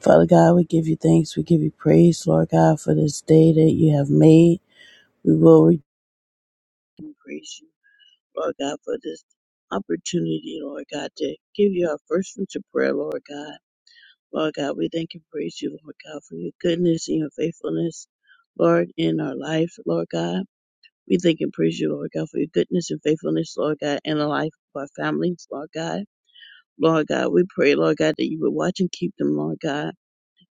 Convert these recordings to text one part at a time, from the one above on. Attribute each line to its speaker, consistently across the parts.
Speaker 1: Father God, we give you thanks. We give you praise, Lord God, for this day that you have made. We will re- and praise you, Lord God, for this opportunity, Lord God, to give you our first fruits of prayer, Lord God. Lord God, we thank and praise you, Lord God, for your goodness and your faithfulness, Lord, in our life, Lord God. We thank and praise you, Lord God, for your goodness and faithfulness, Lord God, in the life of our families, Lord God. Lord God, we pray, Lord God, that you would watch and keep them, Lord God.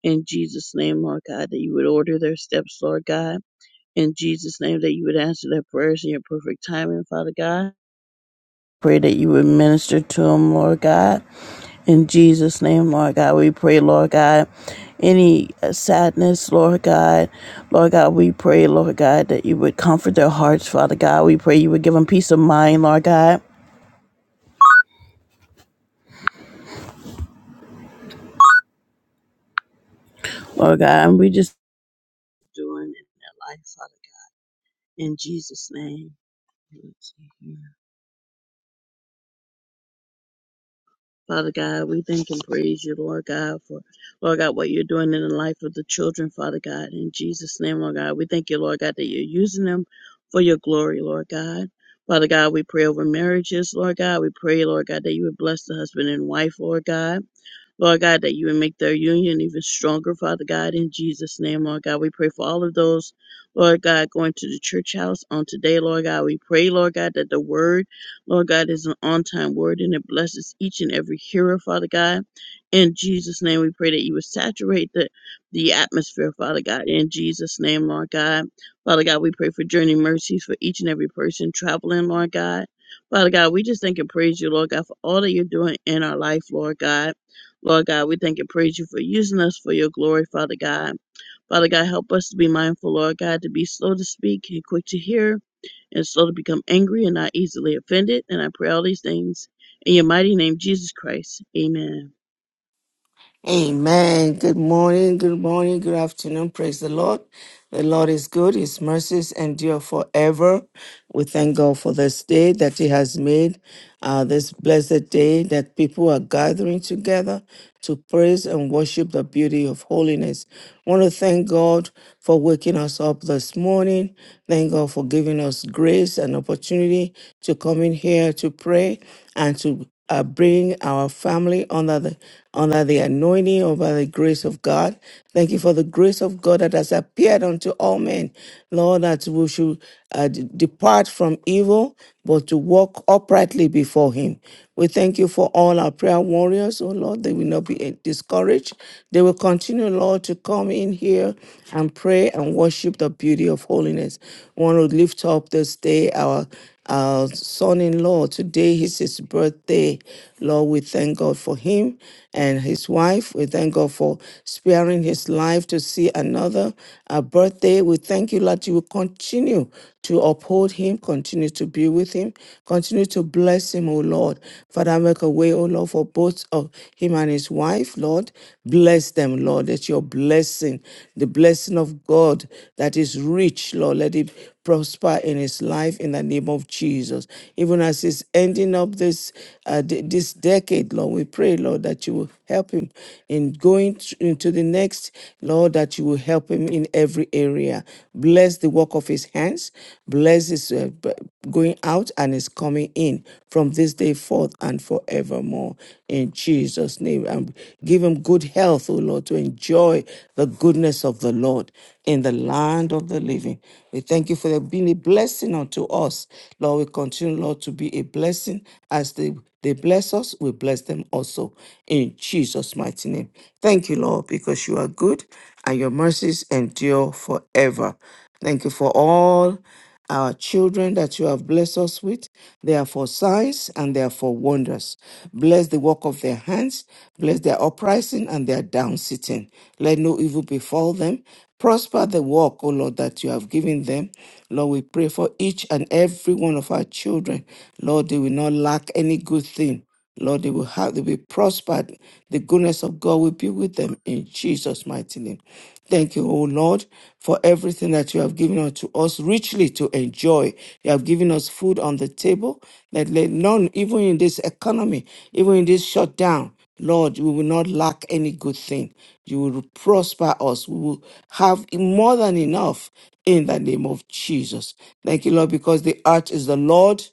Speaker 1: In Jesus' name, Lord God, that you would order their steps, Lord God. In Jesus' name, that you would answer their prayers in your perfect timing, Father God. Pray that you would minister to them, Lord God. In Jesus' name, Lord God, we pray, Lord God. Any uh, sadness, Lord God, Lord God, we pray, Lord God, that you would comfort their hearts, Father God. We pray you would give them peace of mind, Lord God. Lord God, and we just doing it in their life, Father God. In Jesus' name. Father God, we thank and praise you, Lord God, for, Lord God, what you're doing in the life of the children, Father God. In Jesus' name, Lord God, we thank you, Lord God, that you're using them for your glory, Lord God. Father God, we pray over marriages, Lord God. We pray, Lord God, that you would bless the husband and wife, Lord God. Lord God, that you would make their union even stronger, Father God, in Jesus' name, Lord God. We pray for all of those, Lord God, going to the church house on today, Lord God. We pray, Lord God, that the word, Lord God, is an on time word and it blesses each and every hearer, Father God. In Jesus' name, we pray that you would saturate the, the atmosphere, Father God. In Jesus' name, Lord God. Father God, we pray for journey mercies for each and every person traveling, Lord God. Father God, we just thank and praise you, Lord God, for all that you're doing in our life, Lord God. Lord God, we thank and praise you for using us for your glory, Father God. Father God, help us to be mindful, Lord God, to be slow to speak and quick to hear and slow to become angry and not easily offended. And I pray all these things in your mighty name, Jesus Christ. Amen.
Speaker 2: Amen. Good morning, good morning, good afternoon. Praise the Lord. The Lord is good, His mercies endure forever. We thank God for this day that He has made, uh, this blessed day that people are gathering together to praise and worship the beauty of holiness. want to thank God for waking us up this morning. Thank God for giving us grace and opportunity to come in here to pray and to uh, bring our family under the under the anointing or by the grace of God. Thank you for the grace of God that has appeared unto all men, Lord, that we should uh, d- depart from evil, but to walk uprightly before Him. We thank you for all our prayer warriors, oh Lord. They will not be eh, discouraged. They will continue, Lord, to come in here and pray and worship the beauty of holiness. We want to lift up this day our our son-in-law today is his birthday birthday. Lord, we thank God for him and his wife. We thank God for sparing his life to see another uh, birthday. We thank you, that you will continue to uphold him, continue to be with him, continue to bless him, O Lord. Father, make a way, O Lord, for both of him and his wife, Lord. Bless them, Lord, that your blessing, the blessing of God that is rich, Lord, let it prosper in his life in the name of Jesus. Even as he's ending up this uh, d- this decade, Lord, we pray, Lord, that you will help him in going t- into the next, Lord, that you will help him in every area. Bless the work of his hands. Bless his uh, b- going out and his coming in from this day forth and forevermore. In Jesus' name, and give him good health, O Lord, to enjoy the goodness of the Lord in the land of the living. We thank you for there being a blessing unto us. Lord, we continue, Lord, to be a blessing as they, they bless us, we bless them also in Jesus' mighty name. Thank you, Lord, because you are good and your mercies endure forever. Thank you for all. Our children that you have blessed us with, they are for signs and they are for wonders. Bless the work of their hands, bless their uprising and their downsitting. Let no evil befall them. Prosper the work, O Lord, that you have given them. Lord, we pray for each and every one of our children. Lord, they will not lack any good thing Lord, they will have, they'll be prospered. The goodness of God will be with them in Jesus' mighty name. Thank you, O Lord, for everything that you have given unto us richly to enjoy. You have given us food on the table that let none, even in this economy, even in this shutdown, Lord, we will not lack any good thing. You will prosper us. We will have more than enough in the name of Jesus. Thank you, Lord, because the earth is the Lord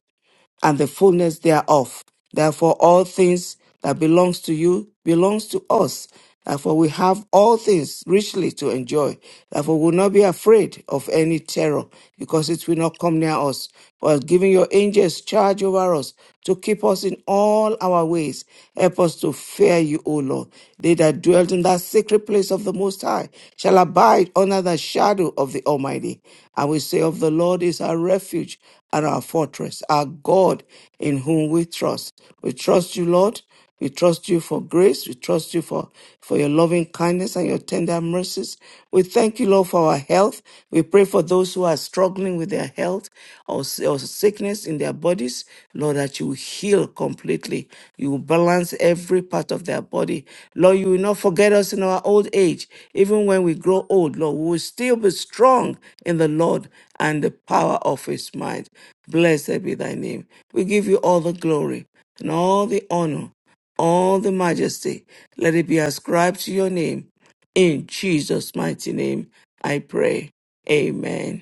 Speaker 2: and the fullness thereof. Therefore, all things that belongs to you belongs to us. Therefore, we have all things richly to enjoy. Therefore, we will not be afraid of any terror, because it will not come near us. For giving your angels charge over us to keep us in all our ways. Help us to fear you, O Lord. They that dwell dwelt in that secret place of the Most High, shall abide under the shadow of the Almighty. I will say of the Lord is our refuge and our fortress, our God in whom we trust. We trust you, Lord. We trust you for grace. We trust you for, for your loving kindness and your tender mercies. We thank you, Lord, for our health. We pray for those who are struggling suffering with their health or, s- or sickness in their bodies, Lord, that you will heal completely. You will balance every part of their body. Lord, you will not forget us in our old age. Even when we grow old, Lord, we will still be strong in the Lord and the power of his might. Blessed be thy name. We give you all the glory and all the honor, all the majesty. Let it be ascribed to your name. In Jesus' mighty name, I pray. Amen.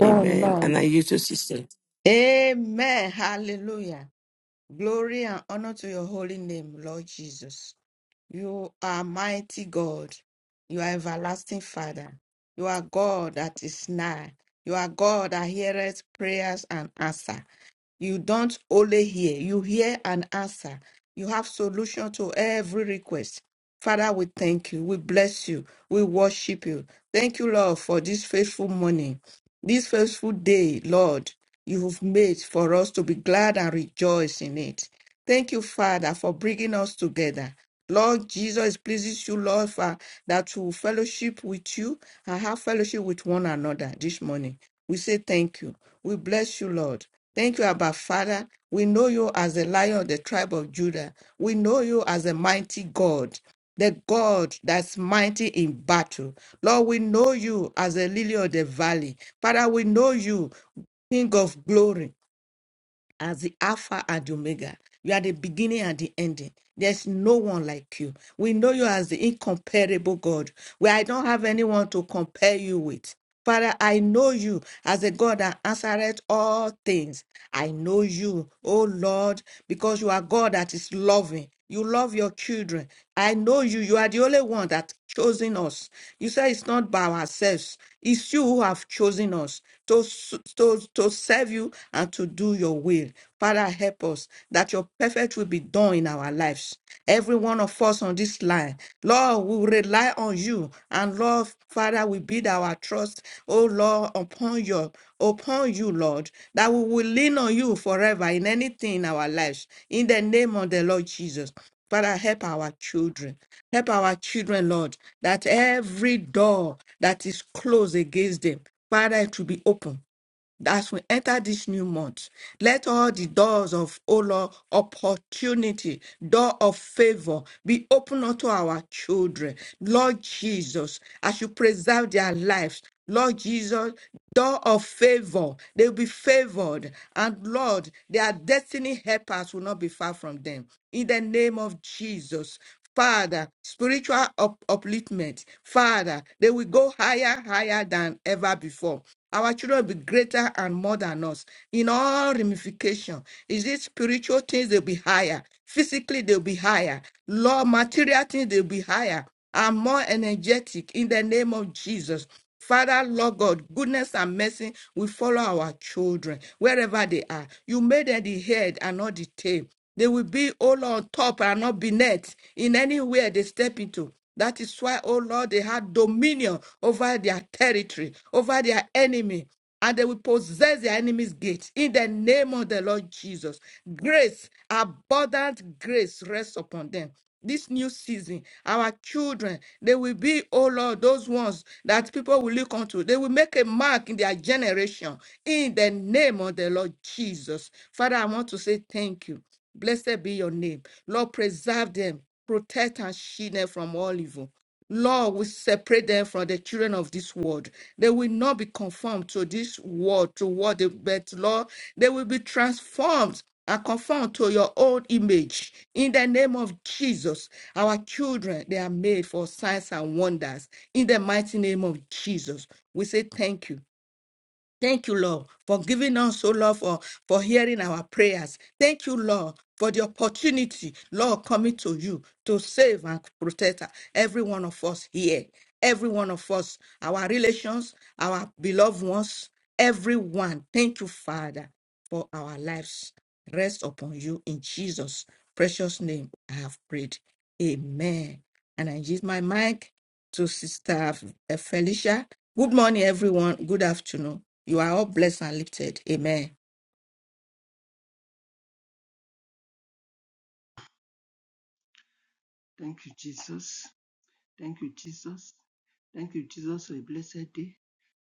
Speaker 2: Amen. And
Speaker 3: Amen.
Speaker 2: I used to say,
Speaker 3: Amen. Hallelujah. Glory and honor to your holy name, Lord Jesus. You are mighty God. You are everlasting Father. You are God that is nigh. You are God that heareth prayers and answer. You don't only hear, you hear and answer. You have solution to every request. Father, we thank you. We bless you. We worship you. Thank you, Lord, for this faithful morning, this faithful day, Lord, you have made for us to be glad and rejoice in it. Thank you, Father, for bringing us together. Lord Jesus, it pleases you, Lord, for, that we fellowship with you and have fellowship with one another this morning. We say thank you. We bless you, Lord. Thank you, Abba Father. We know you as the lion of the tribe of Judah. We know you as a mighty God, the God that's mighty in battle. Lord, we know you as the lily of the valley. Father, we know you, King of glory as the Alpha and the Omega. You are the beginning and the ending. There's no one like you. We know you as the incomparable God, where I don't have anyone to compare you with. Father, I know you as a God that answereth all things. I know you, oh Lord, because you are God that is loving. You love your children. I know you. You are the only one that chosen us. You say it's not by ourselves. It's you who have chosen us to, s- to, to serve you and to do your will. Father, help us that your perfect will be done in our lives. Every one of us on this line, Lord, we rely on you. And Lord, Father, we build our trust, oh Lord, upon your upon you, Lord, that we will lean on you forever in anything in our lives. In the name of the Lord Jesus. Father, help our children. Help our children, Lord, that every door that is closed against them, Father, it will be open as we enter this new month, let all the doors of, O Lord, opportunity, door of favor be open unto our children. Lord Jesus, as you preserve their lives, Lord Jesus, door of favor, they'll be favored. And Lord, their destiny helpers will not be far from them. In the name of Jesus, Father, spiritual up- upliftment. Father, they will go higher, higher than ever before. Our children will be greater and more than us in all ramification. Is it spiritual things they'll be higher? Physically they'll be higher. Law, material things they'll be higher and more energetic in the name of Jesus. Father, Lord God, goodness and mercy will follow our children wherever they are. You made them the head and not the tail. They will be, all on top and not be net in anywhere they step into. That is why, oh Lord, they had dominion over their territory, over their enemy, and they will possess their enemy's gate in the name of the Lord Jesus. Grace, abundant grace rests upon them. This new season, our children, they will be, oh Lord, those ones that people will look unto. They will make a mark in their generation in the name of the Lord Jesus. Father, I want to say thank you. Blessed be your name. Lord, preserve them, protect and shield them from all evil. Lord, we separate them from the children of this world. They will not be conformed to this world, to what they but Lord, they will be transformed and conformed to your own image. In the name of Jesus, our children, they are made for signs and wonders. In the mighty name of Jesus, we say thank you. Thank you, Lord, for giving us, oh Lord, for, for hearing our prayers. Thank you, Lord, for the opportunity, Lord, coming to you to save and protect every one of us here. Every one of us, our relations, our beloved ones, everyone. Thank you, Father, for our lives. Rest upon you in Jesus' precious name. I have prayed. Amen. And I use my mic to Sister F- Felicia. Good morning, everyone. Good afternoon. You are all blessed and lifted. Amen.
Speaker 4: Thank you, Jesus. Thank you, Jesus. Thank you, Jesus, for a blessed day.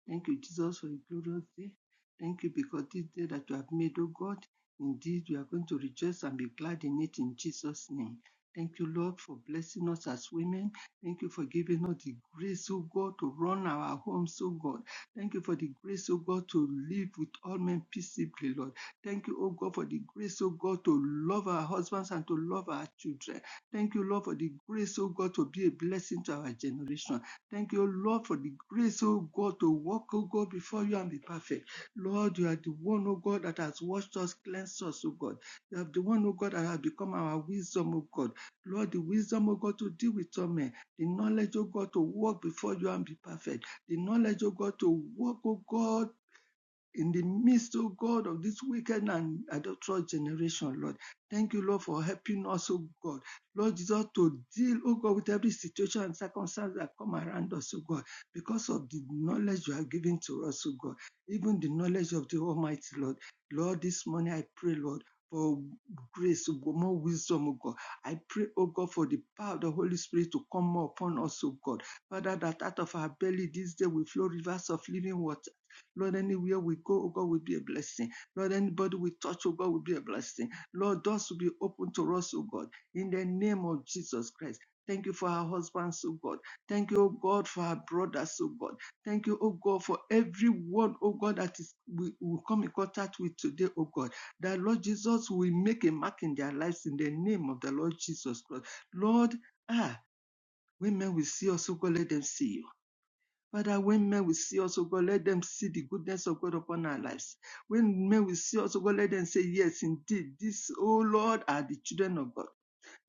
Speaker 4: Thank you, Jesus, for a glorious day. Thank you because this day that you have made, O God, indeed we are going to rejoice and be glad in it in Jesus' name. Thank you, Lord, for blessing us as women. Thank you for giving us the grace, oh God, to run our homes, oh God. Thank you for the grace, oh God, to live with all men peaceably, Lord. Thank you, O God, for the grace, oh God, to love our husbands and to love our children. Thank you, Lord, for the grace, oh God, to be a blessing to our generation. Thank you, Lord, for the grace, oh God, to walk, oh God, before you and be perfect. Lord, you are the one, oh God, that has washed us, cleansed us, oh God. You are the one, oh God, that has become our wisdom, oh God. Lord, the wisdom, oh God, to deal with all men. The knowledge, oh God, to walk before you and be perfect. The knowledge, oh God, to walk, oh God, in the midst, oh God, of this wicked and adulterous generation, Lord. Thank you, Lord, for helping us, oh God. Lord Jesus, to deal, oh God, with every situation and circumstance that come around us, oh God, because of the knowledge you have given to us, oh God, even the knowledge of the Almighty, Lord. Lord, this morning I pray, Lord. For grace, oh God, more wisdom, oh God. I pray, oh God, for the power of the Holy Spirit to come more upon us, oh God. Father, that out of our belly this day will flow rivers of living water. Lord, anywhere we go, oh God, will be a blessing. Lord, anybody we touch, oh God, will be a blessing. Lord, doors will be open to us, oh God, in the name of Jesus Christ. Thank you for our husbands, oh God. Thank you, oh God, for our brothers, oh God. Thank you, oh God, for everyone, oh God, that is we will come in contact with today, oh God. That Lord Jesus will make a mark in their lives in the name of the Lord Jesus Christ. Lord, ah, when men will see us, oh God, let them see you. Father, when men will see us, oh God, let them see the goodness of God upon our lives. When men will see us, oh God, let them say, Yes, indeed, this, oh Lord, are the children of God.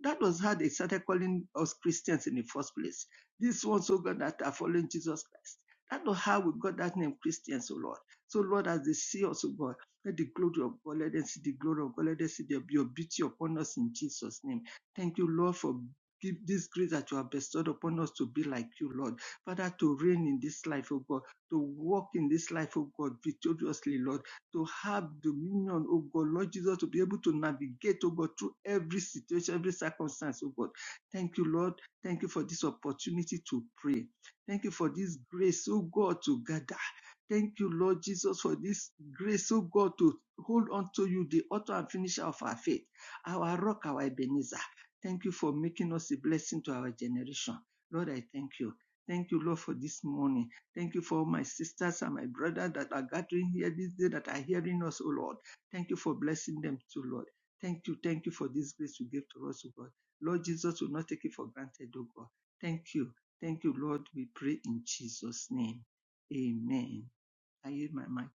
Speaker 4: That was how they started calling us Christians in the first place. This ones, oh God, that are following Jesus Christ. That was how we got that name, Christians, oh Lord. So, Lord, as they see us, oh God, let the glory of God, let them see the glory of God, let them see the, your beauty upon us in Jesus' name. Thank you, Lord, for give this grace that you have bestowed upon us to be like you, Lord. Father, to reign in this life, oh God, to walk in this life, oh God, victoriously, Lord to have dominion, oh God, Lord Jesus, to be able to navigate, oh God, through every situation, every circumstance, oh God. Thank you, Lord. Thank you for this opportunity to pray. Thank you for this grace, oh God, to gather. Thank you, Lord Jesus, for this grace, oh God, to hold on to you, the author and finisher of our faith, our rock, our Ebenezer. Thank you for making us a blessing to our generation. Lord, I thank you. Thank you, Lord, for this morning. Thank you for my sisters and my brother that are gathering here this day that are hearing us, O Lord. Thank you for blessing them too, Lord. Thank you, thank you for this grace you give to us, O God. Lord Jesus will not take it for granted, O God. Thank you. Thank you, Lord. We pray in Jesus' name. Amen. I yield my mic.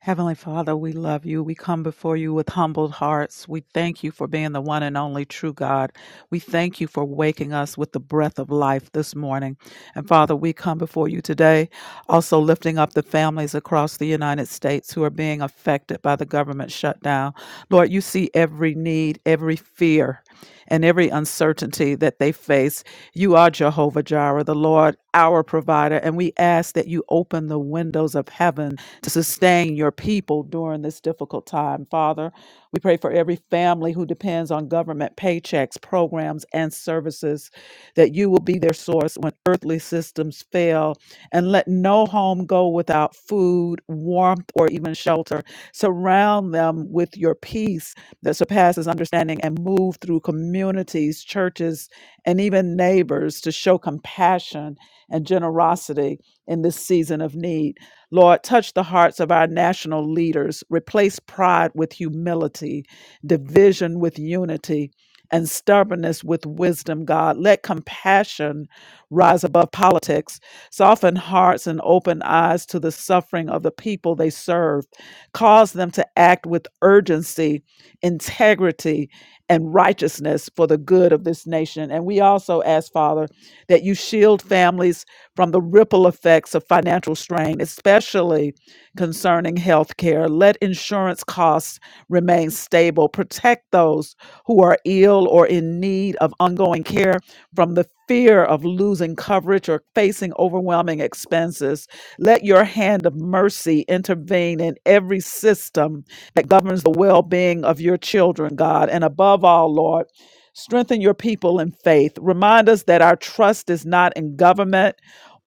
Speaker 5: Heavenly Father, we love you. We come before you with humbled hearts. We thank you for being the one and only true God. We thank you for waking us with the breath of life this morning. And Father, we come before you today, also lifting up the families across the United States who are being affected by the government shutdown. Lord, you see every need, every fear, and every uncertainty that they face. You are Jehovah Jireh, the Lord, our provider, and we ask that you open the windows of heaven to sustain your people during this difficult time. Father, we pray for every family who depends on government paychecks, programs, and services that you will be their source when earthly earthly systems fail, and let no home go without food, warmth, or even shelter. Surround them with your peace that surpasses understanding and move through communities, churches, and even neighbors to show compassion and generosity in this season of need. Lord, touch the hearts of our national leaders, replace pride with humility, division with unity and stubbornness with wisdom, God. Let compassion rise above politics, soften hearts and open eyes to the suffering of the people they serve, cause them to act with urgency, integrity, and righteousness for the good of this nation. And we also ask, Father, that you shield families from the ripple effects of financial strain, especially concerning health care. Let insurance costs remain stable. Protect those who are ill or in need of ongoing care from the fear of losing coverage or facing overwhelming expenses. Let your hand of mercy intervene in every system that governs the well being of your children, God. And above all, Lord, strengthen your people in faith. Remind us that our trust is not in government.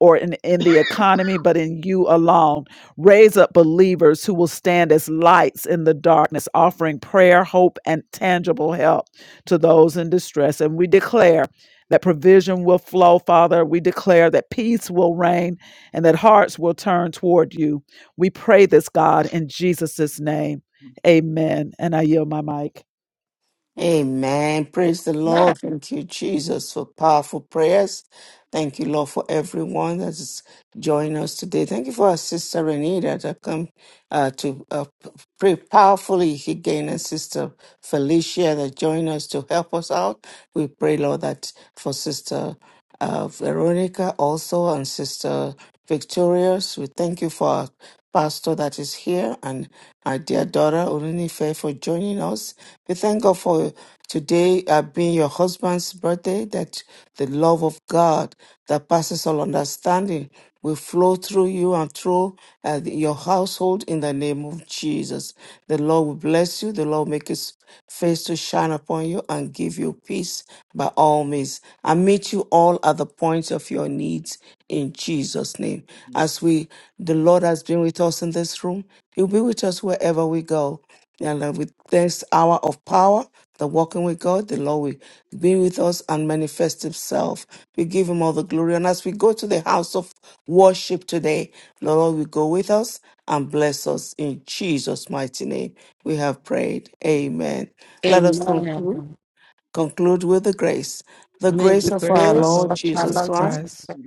Speaker 5: Or in, in the economy, but in you alone. Raise up believers who will stand as lights in the darkness, offering prayer, hope, and tangible help to those in distress. And we declare that provision will flow, Father. We declare that peace will reign and that hearts will turn toward you. We pray this, God, in Jesus' name. Amen. And I yield my mic.
Speaker 2: Amen. Praise the Lord. Thank you, Jesus, for powerful prayers. Thank you, Lord, for everyone that is joining us today. Thank you for our sister Renita that come uh, to uh, p- pray powerfully again, and sister Felicia that joined us to help us out. We pray, Lord, that for sister. uh, Veronica also and Sister Victorious. We thank you for our pastor that is here and our dear daughter Olunife for joining us. We thank God for today uh, being your husband's birthday, that the love of God that passes all understanding will flow through you and through uh, your household in the name of Jesus. The Lord will bless you. The Lord will make his face to shine upon you and give you peace by all means and meet you all at the point of your needs in Jesus' name. As we, the Lord has been with us in this room, He'll be with us wherever we go. And that with this hour of power, the walking with God, the Lord will be with us and manifest Himself. We give Him all the glory. And as we go to the house of worship today, the Lord will go with us and bless us in Jesus' mighty name. We have prayed. Amen. Let us conclude,
Speaker 3: Amen.
Speaker 2: conclude with the grace. The
Speaker 3: May
Speaker 2: grace
Speaker 4: Lord.
Speaker 5: The
Speaker 3: the
Speaker 2: of
Speaker 5: grace
Speaker 2: our
Speaker 5: of our
Speaker 3: grace
Speaker 2: Lord
Speaker 3: of
Speaker 5: Lord
Speaker 3: our
Speaker 2: Jesus
Speaker 5: Jesus
Speaker 3: Lord
Speaker 2: Christ,
Speaker 3: Jesus
Speaker 5: Christ,
Speaker 3: Christ,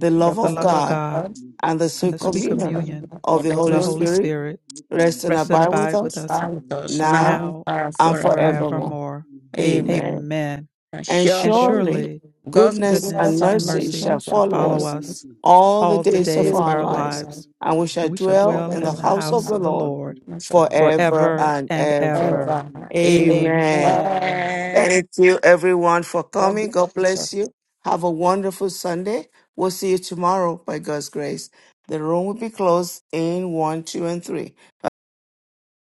Speaker 4: we
Speaker 3: the
Speaker 2: love
Speaker 5: the
Speaker 4: pray.
Speaker 2: of
Speaker 5: love
Speaker 3: body
Speaker 5: of
Speaker 3: of
Speaker 2: God,
Speaker 5: God,
Speaker 3: God,
Speaker 4: Amen. We
Speaker 2: and the
Speaker 5: and
Speaker 4: pray
Speaker 5: the
Speaker 2: sweet
Speaker 3: the
Speaker 4: for
Speaker 5: sweet
Speaker 4: the
Speaker 3: sweet
Speaker 4: Holy
Speaker 2: communion
Speaker 3: communion
Speaker 5: communion
Speaker 4: Spirit.
Speaker 2: of
Speaker 3: of
Speaker 2: the
Speaker 3: the
Speaker 5: of the
Speaker 2: Holy
Speaker 5: Holy
Speaker 3: Holy
Speaker 2: Spirit
Speaker 5: Spirit
Speaker 4: Make him one
Speaker 2: rest and
Speaker 4: to
Speaker 5: rest and
Speaker 2: abide
Speaker 3: Spirit,
Speaker 4: reflect.
Speaker 2: with
Speaker 5: abide
Speaker 3: be
Speaker 5: with
Speaker 2: us
Speaker 5: us
Speaker 4: Now,
Speaker 3: with
Speaker 4: for
Speaker 3: us
Speaker 2: now
Speaker 3: now
Speaker 5: now
Speaker 3: and
Speaker 2: and
Speaker 5: and
Speaker 3: forever.
Speaker 2: forevermore.
Speaker 5: forevermore.
Speaker 3: Amen.
Speaker 2: Amen.
Speaker 5: Amen.
Speaker 2: And
Speaker 5: And
Speaker 3: Surely,
Speaker 2: surely
Speaker 5: surely
Speaker 3: God's
Speaker 2: goodness and
Speaker 3: goodness
Speaker 5: goodness
Speaker 4: the
Speaker 5: and
Speaker 3: and
Speaker 2: mercy
Speaker 5: mercy
Speaker 2: shall
Speaker 3: mercy are
Speaker 5: shall
Speaker 2: follow
Speaker 5: follow
Speaker 3: following
Speaker 2: us
Speaker 4: Lord,
Speaker 5: us
Speaker 3: us
Speaker 4: we pray.
Speaker 2: all the
Speaker 5: all the
Speaker 3: the
Speaker 2: days of
Speaker 5: days of
Speaker 3: days
Speaker 2: our
Speaker 3: of
Speaker 5: our
Speaker 4: Also
Speaker 3: our
Speaker 2: lives,
Speaker 3: life,
Speaker 5: lives,
Speaker 4: being
Speaker 2: and we
Speaker 4: there,
Speaker 5: and
Speaker 2: shall
Speaker 5: we
Speaker 4: having
Speaker 5: shall
Speaker 3: and
Speaker 4: said
Speaker 3: we
Speaker 2: dwell
Speaker 5: dwell
Speaker 2: in the
Speaker 5: in the
Speaker 4: that,
Speaker 3: will
Speaker 2: house of
Speaker 5: house
Speaker 2: the
Speaker 5: of
Speaker 3: remember
Speaker 5: the
Speaker 2: Lord
Speaker 5: Lord
Speaker 3: goodness. ever.
Speaker 2: forever
Speaker 5: forever
Speaker 2: and
Speaker 5: and
Speaker 2: ever.
Speaker 5: ever.
Speaker 4: I will
Speaker 3: Amen.
Speaker 2: Amen.
Speaker 5: Amen.
Speaker 3: Amen.
Speaker 2: Thank you, everyone, for
Speaker 3: God
Speaker 2: coming. God
Speaker 3: bless us
Speaker 2: bless you. Have a wonderful Sunday. We'll see you tomorrow by God's grace. The room will be closed in one, two, and three.